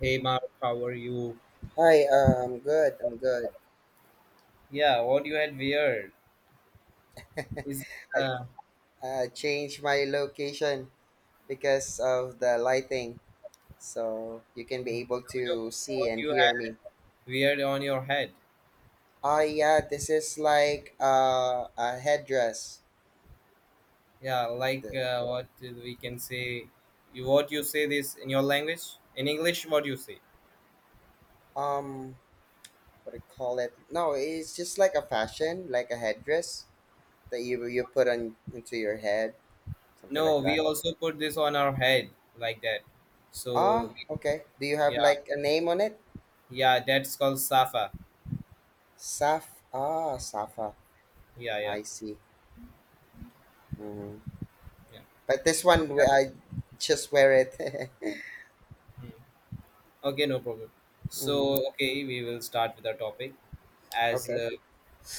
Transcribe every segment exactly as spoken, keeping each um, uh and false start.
Hey Mark, how are you? Hi, uh, I'm good. I'm good. Yeah, what you had weird is I uh, uh, changed my location because of the lighting, so you can be able to see what and you hear had me. weird on your head. Oh yeah, this is like uh, a headdress. Yeah, like The, uh, what we can say. You what you say this in your language? In English, what you say? um, what do you call it? No, it's just like a fashion, like a headdress that you you put on into your head, something No, like we that. also put this on our head like that. Ah, So okay. Do you have yeah, like a name on it? yeah, that's called safa. Saf. Ah, Safa. Yeah, yeah, I see. Mhm. yeah. But this So, one, yeah. we- I just wear it. Hmm. Okay, no problem. Mhm. So okay, we will start with our topic as. Okay. Uh,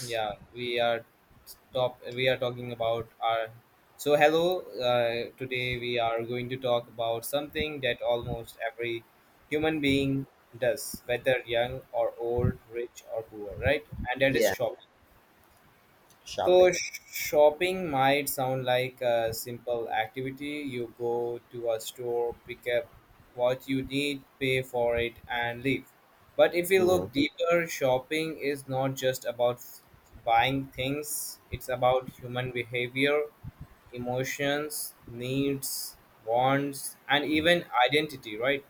yeah we are top we are talking about our so hello uh, today we are going to talk about something that almost every human being does, whether young or old, rich or poor, right? And that is Yeah. shopping. So Shopping. shopping might sound like a simple activity. You go to a store, pick up what you need, pay for it, and leave. But if you Hmm. look deeper, shopping is not just about buying things, it's about human behavior, emotions, needs, wants, and Hmm. even identity, right?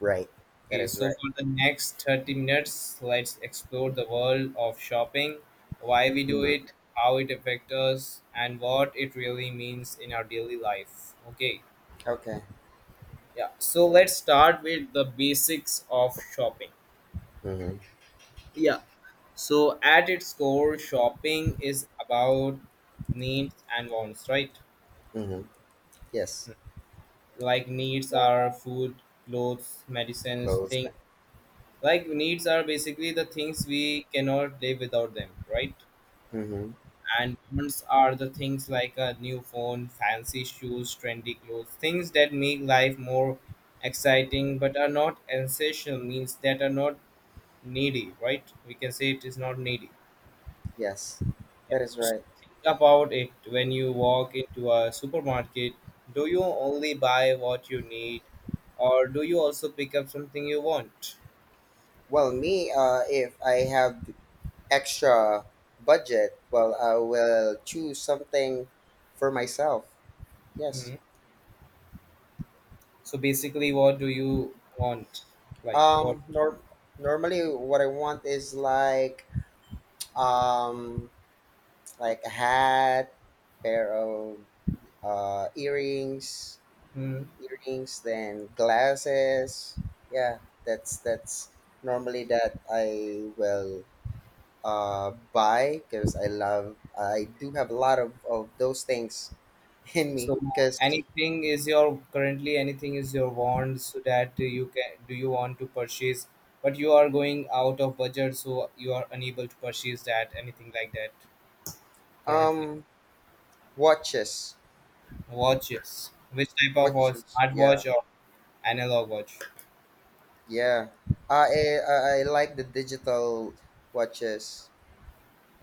Right. That Okay, is so right. for the next thirty minutes, let's explore the world of shopping, why we do Hmm. it, how it affects us, and what it really means in our daily life. Okay, Okay. yeah, so let's start with the basics of shopping. Hmm. Yeah, so at its core, shopping is about needs and wants, right? Hmm. Yes. Like, needs are food, clothes, medicines, Clothes. things. Like, needs are basically the things we cannot live without them, right? Mm-hmm. And moments are the things like a new phone, fancy shoes, trendy clothes, things that make life more exciting but are not essential, means that are not needy, right? We can say it is not needy. Yes. Yeah. That is So right. think about it, when you walk into a supermarket, do you only buy what you need or do you also pick up something you want? Well, me, uh, if I have extra budget, well, I will choose something for myself. Yes. Hmm? So basically, what do you want? Like what? Um. Nor- Normally, what I want is like um like a hat, pair of uh, earrings, Hmm? earrings, then glasses. Yeah, that's that's normally that I will uh, buy because I love. I do have a lot of, of those things in me So because anything is your currently, anything is your want so that you can do, you want to purchase but you are going out of budget so you are unable to purchase that, anything like that currently. um watches Watches. Which type of watch? watches. Yeah, Smartwatch or analog watch? yeah, I, I I like the digital watches.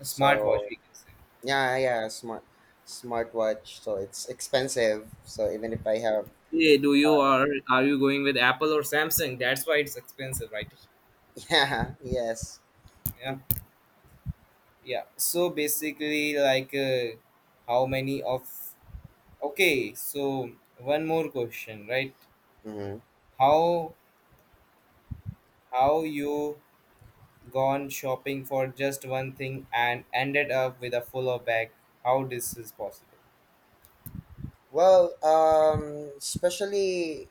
A smartwatch we can say. yeah, yeah, smart smartwatch. So it's expensive. So even if I have... Yeah, do you are are you going with Apple or Samsung? That's why it's expensive, right? yeah, yes. Yeah. Yeah. So basically like uh, how many of. Okay, so one more question, right? Hmm. How how you gone shopping for just one thing and ended up with a fuller bag? How this is possible? Well, um, especially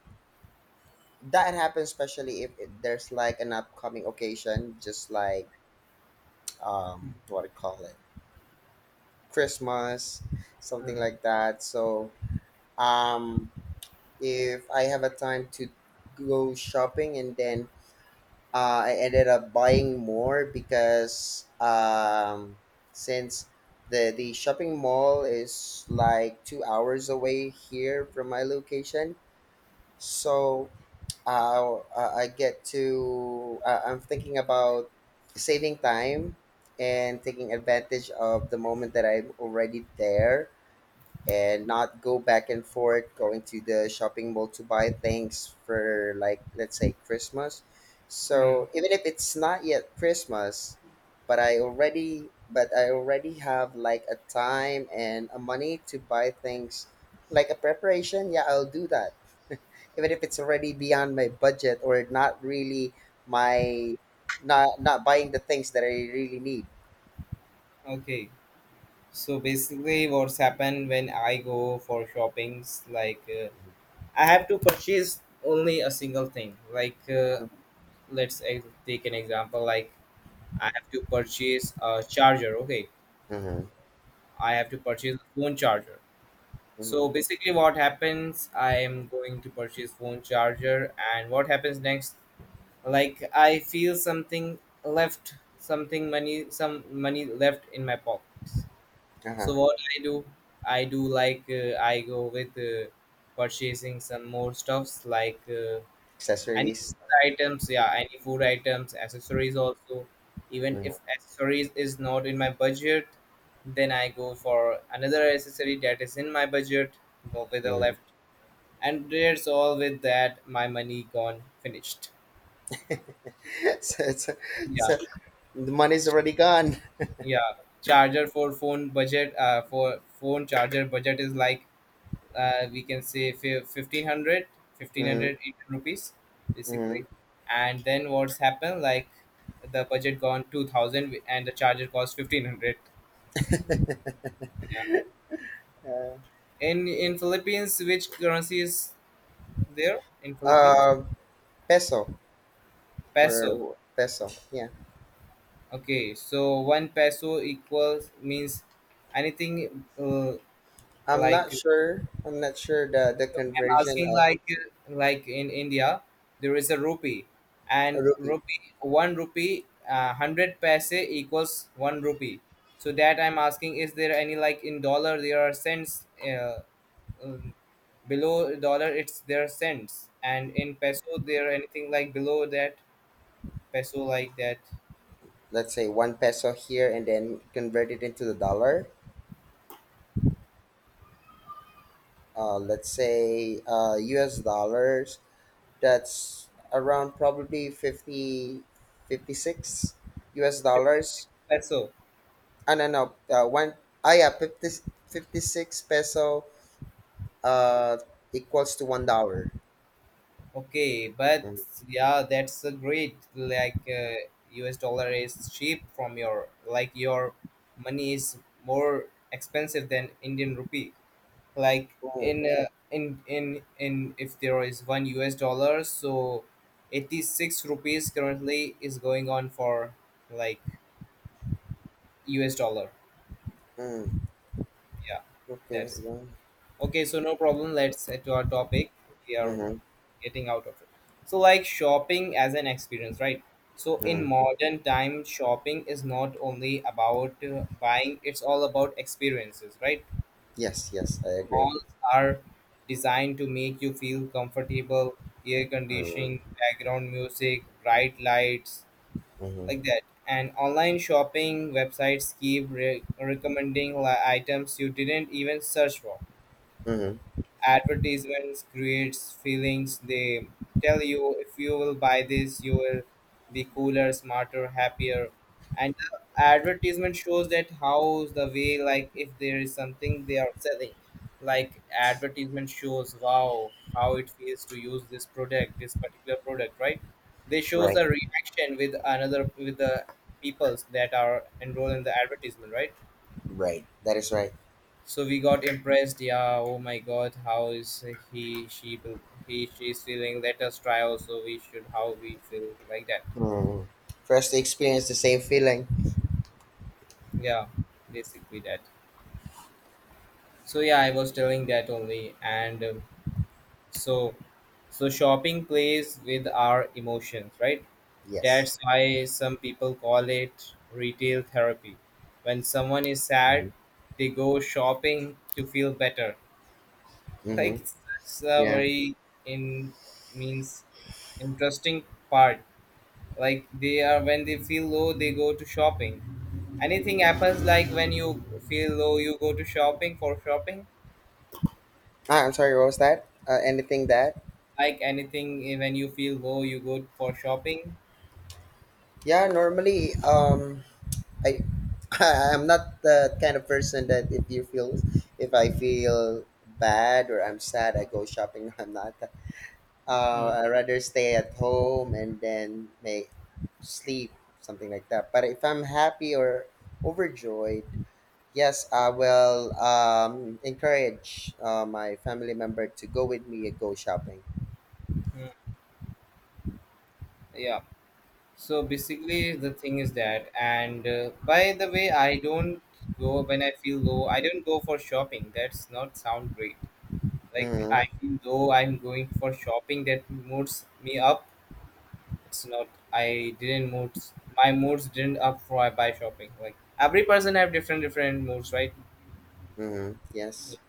that happens, especially if it, there's like an upcoming occasion, just like um, what do you call it, Christmas, something Hmm. like that. So um, if I have a time to go shopping, and then uh, I ended up buying more, because um, since the the shopping mall is like two hours away here from my location. So uh, I I get to uh, I'm thinking about saving time and taking advantage of the moment that I'm already there, and not go back and forth going to the shopping mall to buy things for, like, let's say Christmas. Hmm. So even if it's not yet Christmas, but i already but I already have like a time and a money to buy things, like a preparation. Yeah, I'll do that, even if it's already beyond my budget. Or not really my not not buying the things that I really need. Okay. So basically, what's happened when I go for shoppings? Like uh, I have to purchase only a single thing. Like uh, Mm-hmm. let's ex- take an example. Like I have to purchase a charger. Okay, Mm-hmm. I have to purchase a phone charger. Mm-hmm. So basically, what happens? I am going to purchase phone charger, and what happens next? Like I feel something left, something money, some money left in my pockets. Uh-huh. So what I do? I do like uh, I go with uh, purchasing some more stuffs like uh, any Accessories. food items, yeah, any food items, accessories also. Even if accessories is not in my budget, then I go for another accessory that is in my budget, go with the Mm-hmm. left. And there's all with that, my money gone finished. so, so, Yeah. so the money's already gone. Yeah, charger for phone budget, uh for phone charger budget is like uh, we can say fif- fifteen hundred Hmm. Indian rupees basically. Hmm. And then what's happened, like the budget gone two thousand and the charger cost fifteen hundred. Yeah. In in Philippines, which currency is there in Philippines? Uh, Peso Peso. or peso. Yeah, Okay, so one peso equals means anything uh, I'm not like. sure. I'm not sure the the I'm conversion asking of like like in India, there is a rupee, a and rupee. rupee one rupee uh, hundred paise equals one rupee. So that I'm asking, is there any, like in dollar there are cents? Uh, um, below dollar it's their cents, and in peso there anything like below that peso like that. Let's say one peso here, and then convert it into the dollar. Uh, let's say uh, U S dollars. That's around probably fifty, fifty six U S Fifty six dollars. peso. I don't know. Uh, one. Ah, yeah, fifty fifty six peso uh equals to one dollar. Okay, but Mm, yeah, that's a great. Like uh, U S dollar is cheap from your, like your money is more expensive than Indian rupee. Like mm, in uh, in in in if there is one U S dollar, so eighty six rupees currently is going on for like U S dollar. mm, Yeah, okay. that's Yeah. okay. So no problem. Let's head to our topic. We are Mm-hmm, getting out of it. So like shopping as an experience, right? So in mm. modern time, shopping is not only about uh, buying; it's all about experiences, right? Yes. Yes. I agree. Malls are designed to make you feel comfortable, air conditioning, Mm, background music, bright lights, mm-hmm, like that. And online shopping websites keep re- recommending li- items you didn't even search for. mm-hmm. Advertisements creates feelings, they tell you if you will buy this you will be cooler, smarter, happier. And the advertisement shows that, how's the way, like if there is something they are selling, like advertisement shows wow how it feels to use this product, this particular product, right? They shows Right. the reaction with another, with the peoples that are enrolled in the advertisement, right? Right. That is right. So we got impressed. Yeah. Oh my God. How is he? She. be- He. She's feeling. Let us try. Also, we should. How we feel like that. Mm. For us to experience the same feeling. Yeah. Basically that. So yeah, I was telling that only. And um, so so shopping plays with our emotions, right? Yes. That's why some people call it retail therapy. When someone is sad, Mm-hmm. they go shopping to feel better. Like Mm-hmm. it's it's a Yeah. very in means interesting part, like they are when they feel low they go to shopping. Anything happens, like when you feel low you go to shopping for shopping, Ah, I'm sorry. What was that? Uh, anything that? like anything, eh, when you feel low you go for shopping. Yeah. Normally, um, I, I'm not the kind of person that... if you feel, if I feel bad or I'm sad, I go shopping. I'm not Hmm. uh, I rather stay at home and then may sleep, something like that. But if I'm happy or overjoyed, yes, I will um, encourage uh, my family member to go with me and go shopping. Hmm. Yeah, so basically the thing is that, and uh, by the way, I don't go when I feel low, I don't go for shopping, that's not sound great. Like I Mm-hmm. feel low I'm going for shopping, that moves me up. It's not, I didn't mood, my moods didn't up for I buy shopping. Like every person have different different moods, right? Mm-hmm. Yes.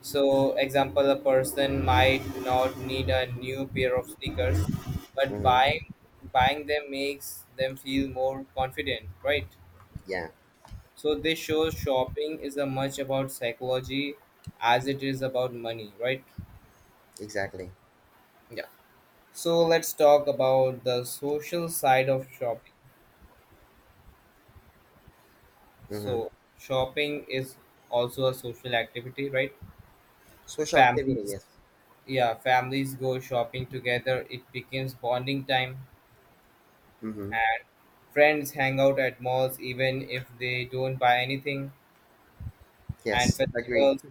So example, a person might not need a new pair of sneakers, but Mm-hmm. buying buying them makes them feel more confident, right? Yeah. So this shows shopping is as much about psychology as it is about money, right? Exactly. Yeah, so let's talk about the social side of shopping. Mm-hmm. So shopping is also a social activity, right? Social activity. Families, Yes. yeah, families go shopping together. It becomes bonding time, Mm-hmm. and friends hang out at malls even if they don't buy anything. And Yes. Agree. festivals,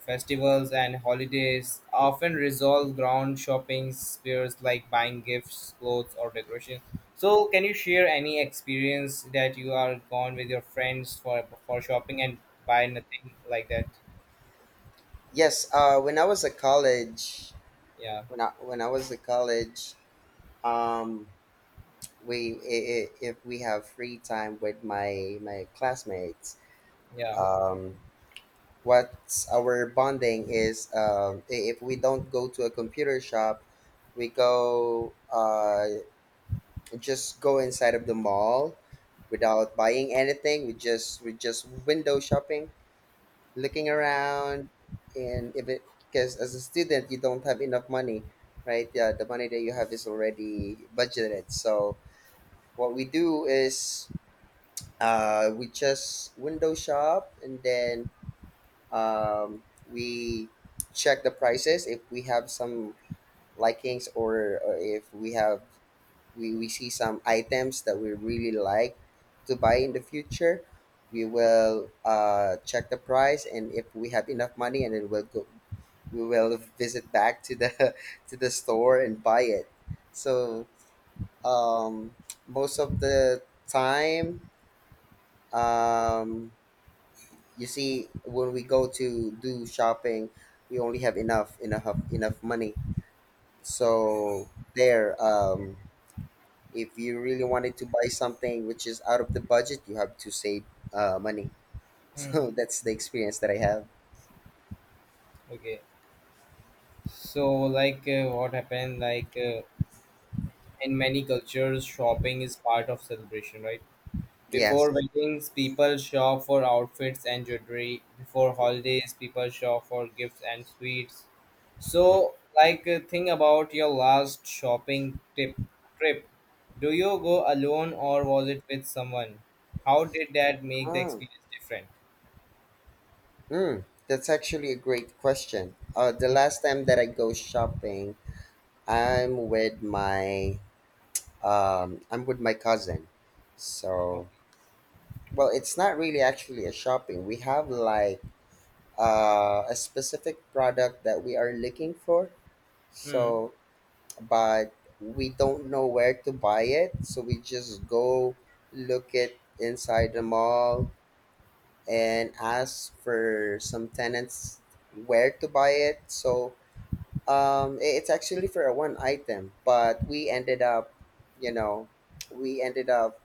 festivals and holidays often resolve ground shopping spheres, like buying gifts, clothes, or decoration. So, can you share any experience that you are gone with your friends for for shopping and buy nothing like that? Yes. Uh, when I was at college, Yeah. when I when I was at college, um, we i- i- if we have free time with my my classmates, Yeah. um what's our bonding is, um i- if we don't go to a computer shop, we go uh just go inside of the mall, without buying anything. We just we just window shopping, looking around. And if it, because as a student, you don't have enough money, right? Yeah, the money that you have is already budgeted. So what we do is, uh, we just window shop, and then um, we check the prices if we have some likings. Or, or if we have... we, we see some items that we really like to buy in the future. We will uh, check the price, and if we have enough money, and then we'll go... we will visit back to the to the store and buy it. So um, most of the time, um, you see when we go to do shopping, we only have enough enough enough money. So there, um if you really wanted to buy something which is out of the budget, you have to save uh, money. Hmm. So that's the experience that I have. Okay. So, like, uh, what happened? Like, uh, in many cultures, shopping is part of celebration, right? Yes. Before weddings, people shop for outfits and jewelry. Before holidays, people shop for gifts and sweets. So, like, uh, think about your last shopping tip trip. Do you go alone or was it with someone? How did that make the Mm. experience different? Mm. That's actually a great question. Uh, the Hmm. last time that I go shopping, I'm with my um, I'm with my cousin. So, well, it's not really actually a shopping. We have like uh, a specific product that we are looking for. Okay. So, but we don't know where to buy it. So we just go look it inside the mall and ask for some tenants where to buy it. So, um, i- it's actually for a one item, but we ended up, you know, we ended up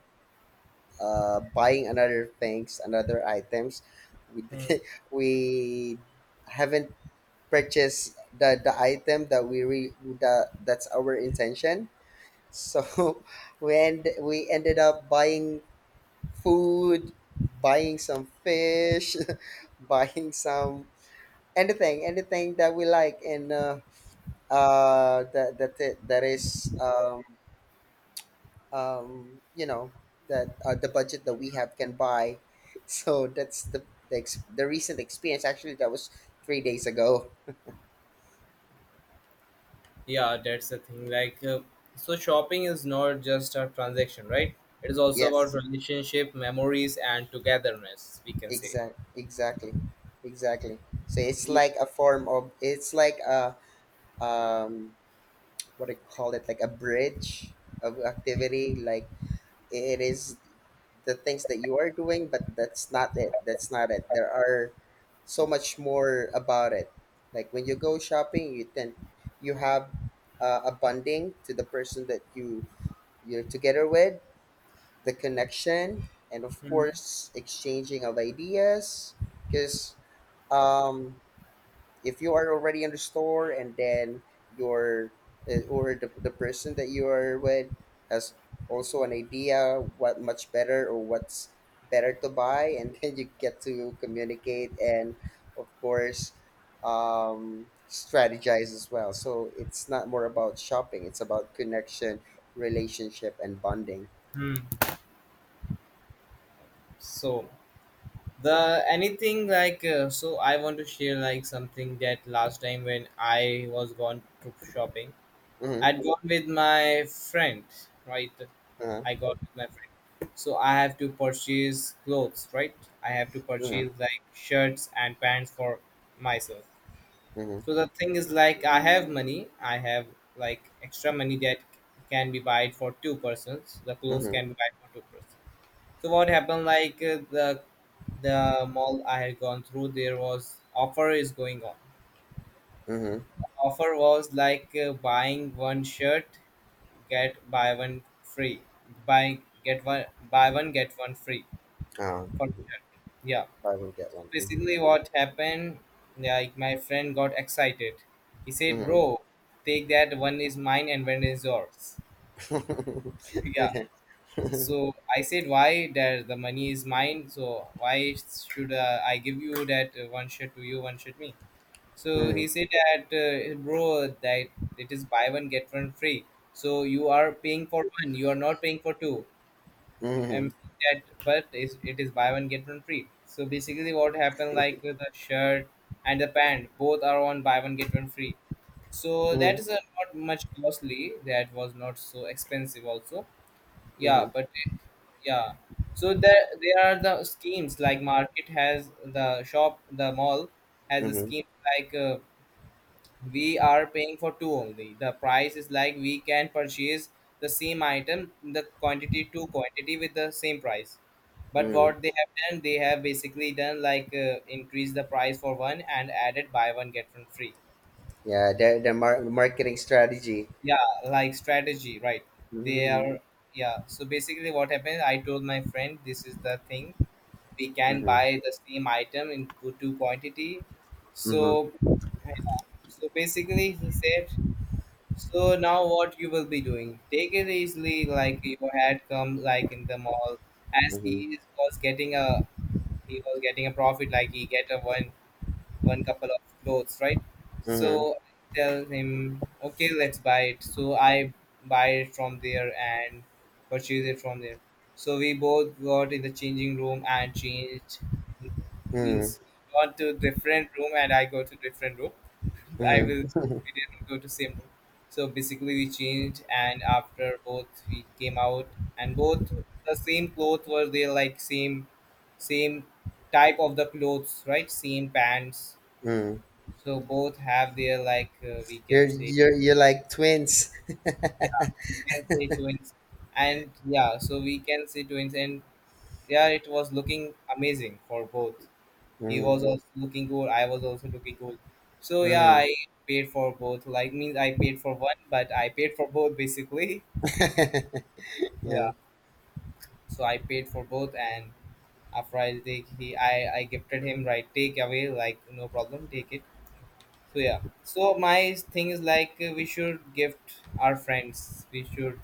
uh, buying another things, another items. We Hmm. we haven't purchase the, the item that we re, the, that's our intention. So when we ended up buying food, buying some fish, buying some... anything anything that we like. And uh, uh that that it- that is um um you know that uh, the budget that we have can buy. So that's the the, ex- the recent experience. Actually that was three days ago. Yeah, that's the thing. Like, uh, so shopping is not just a transaction, right? It is also about Yes. relationship, memories, and togetherness. We can say. Exact, exactly, exactly. So it's Yeah. like a form of... it's like a um what do you call it, like a bridge of activity. Like it is the things that you are doing, but that's not it. That's not it. There are so much more about it. Like when you go shopping, you tend you have uh, a bonding to the person that you you're together with, the connection, and of Hmm. course exchanging of ideas, because um, if you are already in the store, and then your uh, or the, the person that you are with has also an idea what much better, or what's better to buy, and then you get to communicate. And of course, um, strategize as well. So it's not more about shopping, it's about connection, relationship, and bonding. So the anything like uh, so I want to share like something that last time when I was gone to shopping, Hmm. I'd gone with my friend, right? uh huh. I got with my friend. So I have to purchase clothes, right? I have to Hmm. purchase like shirts and pants for myself. Hmm. So the thing is like I have money, I have like extra money that can be bought for two persons. The Hmm. clothes Hmm. can be bought for two persons. So what happened, like uh, the the mall I had gone through, there was offer is going on. Hmm. Offer was like uh, buying one shirt get buy one free. Buy get one Buy one get one free um, for Mhm. shirt. Yeah. Buy one get one. Basically what happened, like my friend got excited, he said, bro, Hmm. take that, one is mine and one is yours. Yeah, Okay. so I said, why? That the money is mine, so why should uh, I give you that uh, one shirt to you, one shirt me. So he Mhm. said that uh, bro, that it is buy one get one free. So you are paying for one, you are not paying for two. I am Mhm. saying that, but is it, is buy one get one free. So basically what happened, like with the shirt and the pant, both are on buy one get one free. So Mhm. that is uh, not much costly, that was not so expensive also. Yeah, Mhm. but yeah, so there there are the schemes, like market has, the shop, the mall has the Mhm. scheme, like uh, we are paying for two only, the price is like we can purchase the same item, the quantity to quantity with the same price. But Mhm. what they have done, they have basically done, like uh, increase the price for one and added buy one get one free. Yeah, the the mar- marketing strategy. Yeah, like strategy, right? They Mhm. are, yeah, so basically what happened, I told my friend, this is the thing, we can Mhm. buy the same item in good two quantity, Mhm. so yeah. So basically he said, so now what you will be doing? Take it easily, like your had come like in the mall, as he Mhm. is- was getting a he was getting a profit, like he get a one one couple of clothes, right? Mhm. So I tell him, okay, let's buy it. So I buy it from there and purchase it from there. So we both got in the changing room and changed, Mhm. means he got to different room and I go to different room, I Mhm. will we didn't go to same room. So basically we changed and after both we came out, and both the same clothes were there, like same same type of the clothes, right? Same pants. Mhm. So both have their, like uh, we can You're say, you're You're like twins. yeah we can say twins, and yeah so we can say twins, and yeah it was looking amazing for both. He was Mhm. also looking cool. I was also looking cool. So yeah, Mhm. I paid for both. Like means I paid for one, but I paid for both basically. Yeah. Yeah. So I paid for both, and after I take he, I I gifted him, right, take away, like no problem, take it. So yeah. So my thing is like uh, we should gift our friends. We should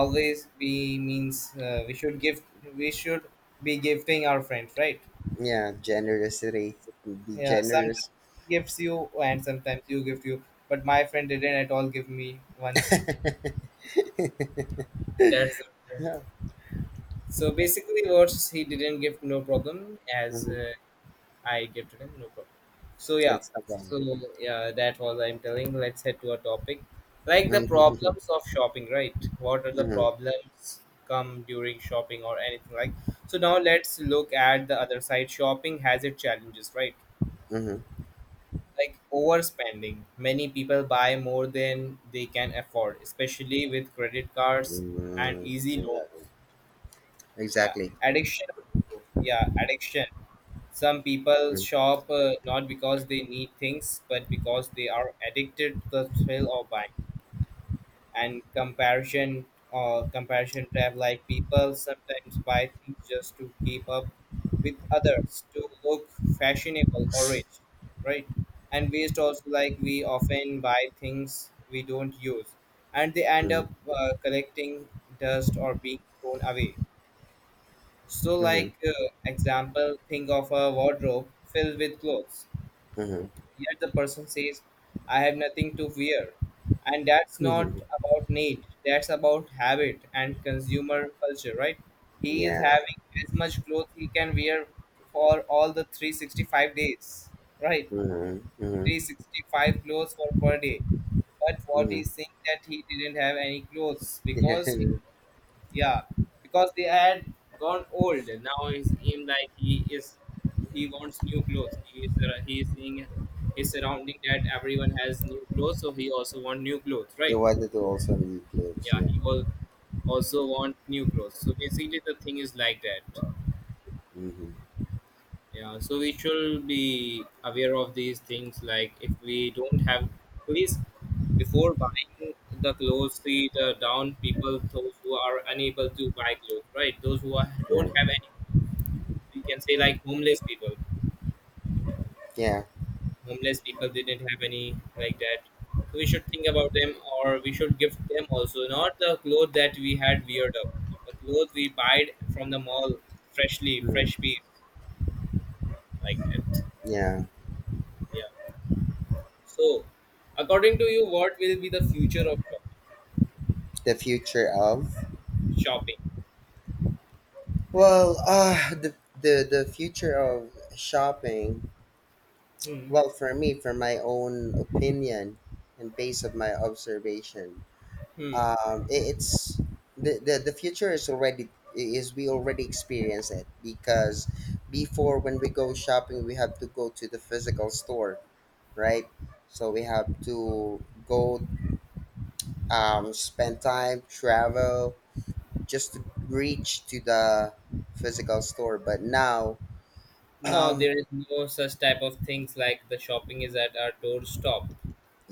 always be, means uh, we should give, we should be gifting our friends, right? Yeah. Generosity. Be Yeah, sometimes generous. he gives you and sometimes you give you, but my friend didn't at all give me once. That's the problem. So basically, what he didn't give, no problem, as Mhm. uh, I gave to him, no problem. So yeah, That's not wrong. so yeah, that was I'm telling. Let's head to a topic like the Mhm. problems of shopping, right? What are the Mhm. problems come during shopping or anything like? So now let's look at the other side. Shopping has its challenges, right? Mhm. Like overspending. Many people buy more than they can afford, especially with credit cards and Mm, easy loans. exactly. Yeah, Exactly. addiction. Yeah, addiction. Some people Mhm, shop, uh, not because they need things, but because they are addicted to the thrill of buying, and comparison, or comparison trap, like people sometimes buy things just to keep up with others, to look fashionable or rich, right? And waste also, like we often buy things we don't use, and they end mhm, up uh, collecting dust or being thrown away. So, mhm, like uh, example, think of a wardrobe filled with clothes. mhm, Yet the person says, I have nothing to wear. And that's not mhm. about need, that's about habit and consumer culture, right? He is Yeah. having as much clothes he can wear for all the three hundred sixty-five days, right? Mhm, mhm, three hundred sixty-five clothes for per day. But what mhm. he's saying, that he didn't have any clothes Yeah. because he, and yeah, because they had gone old. Now he's in, like he is he wants new clothes, he is uh, he is seeing his surrounding, that everyone has new clothes, so he also want new clothes, right? You wanted to also leave clips. Yeah, Yeah. he will also want new clothes, so basically the thing is like that. Mm-hmm. Yeah, so we should be aware of these things, like if we don't have, please before buying the clothes, see the down people, those who are unable to buy clothes, right? Those who are, don't have Yeah. any, we can say like homeless people, Yeah. homeless people didn't have any, like that. So we should think about them, or we should give them also, not the clothes that we had weird up, the clothes we buy from the mall, freshly fresh Mhm, piece, like that. yeah. Yeah. So according to you, what will be the future of The future of shopping? Well, uh, the the the future of shopping. Hmm. Well, for me, for my own opinion, and based on my observation, Hmm. um, I- it's the, the the future is already... is we already experience it. Because before, when we go shopping, we have to go to the physical store, right? So we have to go, um, spend time, travel, just to reach to the physical store. But now Now um there is no such type of things, like the shopping is at our doorstep,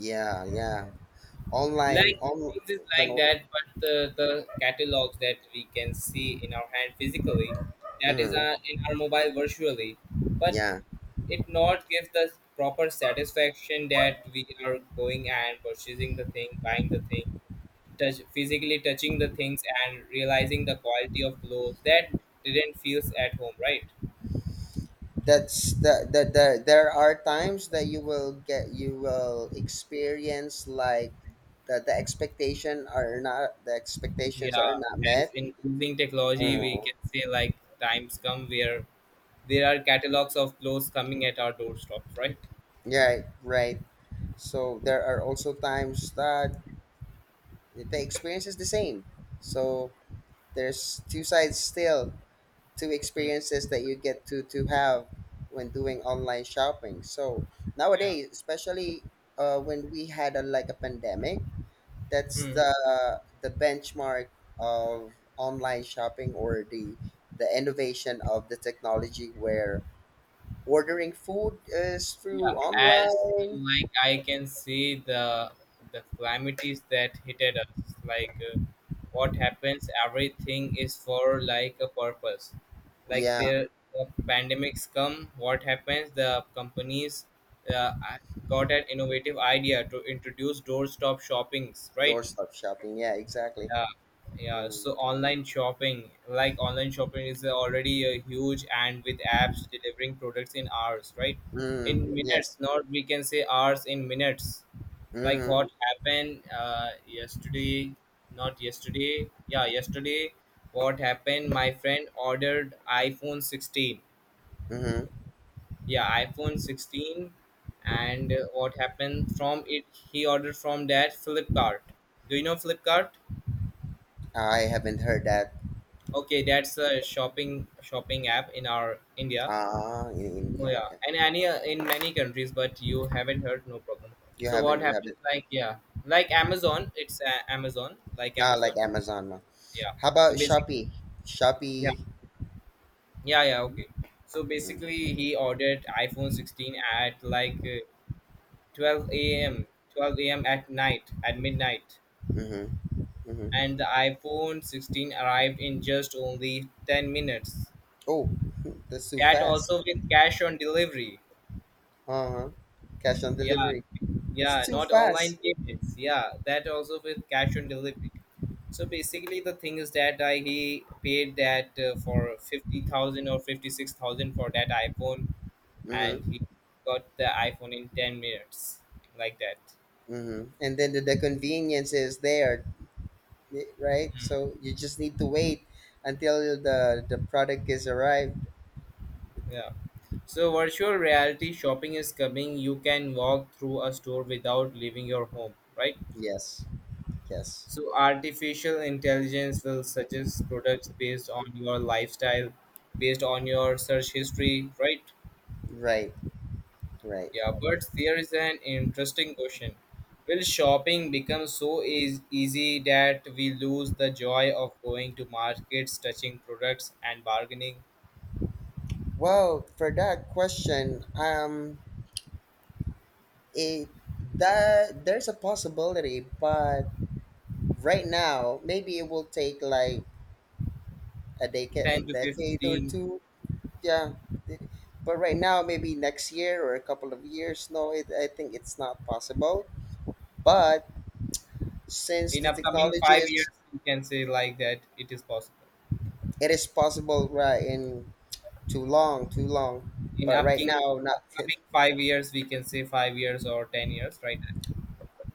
yeah, yeah, online, like on... things is can, like that, but the, the catalogs that we can see in our hand physically, that is mhm, uh, in our mobile virtually, but yeah. it not gives the proper satisfaction that we are going and purchasing the thing, buying the thing, touch physically touching the things and realizing the quality of clothes, that didn't feels at home, right? That's the, the, the there are times that you will get you will experience, like, that the expectation are not the expectations are Yeah, not as met. in using technology we Mm. can say like times come where there are catalogs of clothes coming at our doorstep, right? Right. Right. So there are also times that the experience is the same. So there's two sides still. Two experiences that you get to to have when doing online shopping. So Yeah. nowadays, especially uh, when we had a, like, a pandemic. That's Hmm. the the benchmark of online shopping, or the the innovation of the technology, where ordering food is Yeah. through As online. like I can see the the calamities that hitted us. Like uh, what happens, everything is for like a purpose. Like Yeah. there, the pandemics come. What happens? The companies, uh, I- got an innovative idea to introduce doorstop shoppings, right? Doorstep shopping. Yeah, exactly. Yeah, yeah. Mm, So online shopping, like online shopping is already a huge, and with apps delivering products in hours, right? In mm, minutes, yes. not we can say hours, in minutes. Like Mm-hmm, what happened uh, yesterday, not yesterday, yeah, yesterday, what happened? My friend ordered iPhone sixteen. mm-hmm. Yeah, iPhone sixteen. And uh, what happened from it? He ordered from that Flipkart. Do you know Flipkart? I haven't heard that. Okay, that's a shopping shopping app in our India. Ah, in, in, Oh yeah, yeah, okay. and any uh, in many countries, but you haven't heard, no problem. you So what haven't You happens? haven't. Like yeah, like Amazon. It's uh, Amazon, like Ah, like Amazon. Amazon. No. Yeah. How about So basically, Shopee? yeah. Shopee. Yeah. Yeah. Okay. So Mm, basically, he ordered iPhone sixteen at like uh, twelve a m twelve a m at night, at midnight, mm-hmm, mm-hmm. and the iPhone sixteen arrived in just only ten minutes. Oh. That's too That fast. also with cash on delivery. Uh-huh. Cash on Yeah, delivery. It's yeah, too not online fast. payments. Yeah, that also with cash on delivery. So basically, the thing is that I he paid that, uh, for fifty thousand or fifty six thousand for that iPhone, and he Mm-hmm. got the iPhone in ten minutes, like that. Mm-hmm. And then the, the convenience is there, eh, right? Hmm. So you just need to wait until the the product is arrived. Yeah. So virtual reality shopping is coming. You can walk through a store without leaving your home, right? Yes. Yes. So artificial intelligence will suggest products based on your lifestyle, based on your search history, right? Right. Right. Yeah, but there is an interesting question. Will shopping become so eas easy that we lose the joy of going to markets, touching products, and bargaining? Well, for that question, um, it that there's a possibility, but right now maybe it will take like a decade, ten a to decade or fifteen, two. Yeah. th- but right now, maybe next year or a couple of years, no, it, I think it's not possible. But since in the upcoming technology five years, is... we can say like that it is possible. it is possible, right? In... too long, too long, In but right upcoming now, not. upcoming five years, we can say five years or ten years, right?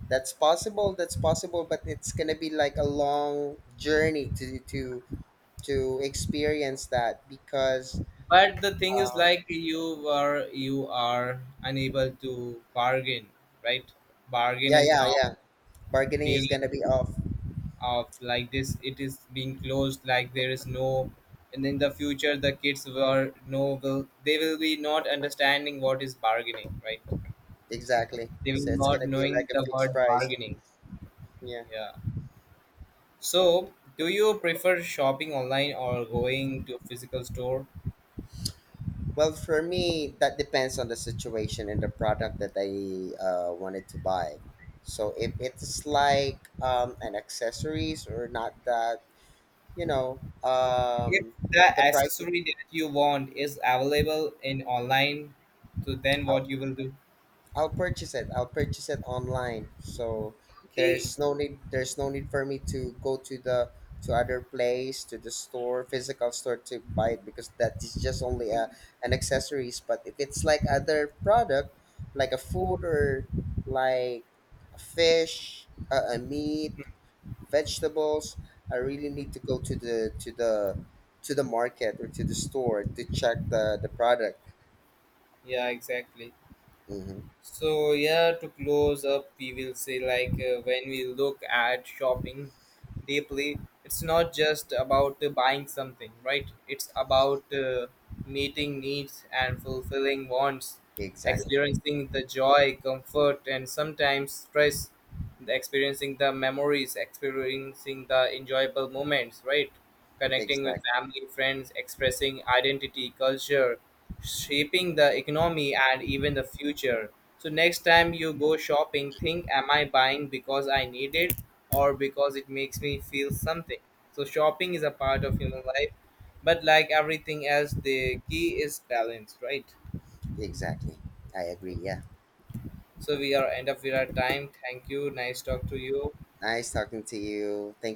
that's possible That's possible, but it's gonna be like a long journey to to to experience that, because... But the thing is, uh, like you were, you are unable to bargain, right? Bargain yeah, is yeah, now yeah, bargaining being is gonna be off. of, like this, it is being closed, like there is no, and in the future the kids were no will, they will be not understanding what is bargaining, right? Exactly, They will so it's not gonna be knowing like a the fixed word price. bargaining. Yeah. Yeah. So, do you prefer shopping online or going to a physical store? Well, for me, that depends on the situation and the product that I uh, wanted to buy. So if it's like um, an accessories or not that, you know, If um, the the price is... accessory that you want is available in online, so then what you will do? I'll purchase it. I'll purchase it online. So Okay. there's no need, there's no need for me to go to the to other place, to the store, physical store, to buy it, because that is just only a an accessories. But if it's like other product, like a food, or like a fish, a, a meat, vegetables, I really need to go to the to the to the market or to the store to check the the product. Yeah, exactly. Hmm. So yeah, to close up, we will say like uh, when we look at shopping deeply, it's not just about uh, buying something, right? It's about uh, meeting needs and fulfilling wants, Exactly, experiencing the joy, comfort, and sometimes stress, experiencing the memories, experiencing the enjoyable moments, right? Connecting with exactly. family, friends, expressing identity, culture, shaping the economy and even the future. So next time you go shopping, think, am I buying because I need it, or because it makes me feel something. So shopping is a part of human life, but like everything else, the key is balance, right? Exactly. I agree. Yeah. So we are end of our time. Thank you. Nice talk to you. Nice talking to you. Thank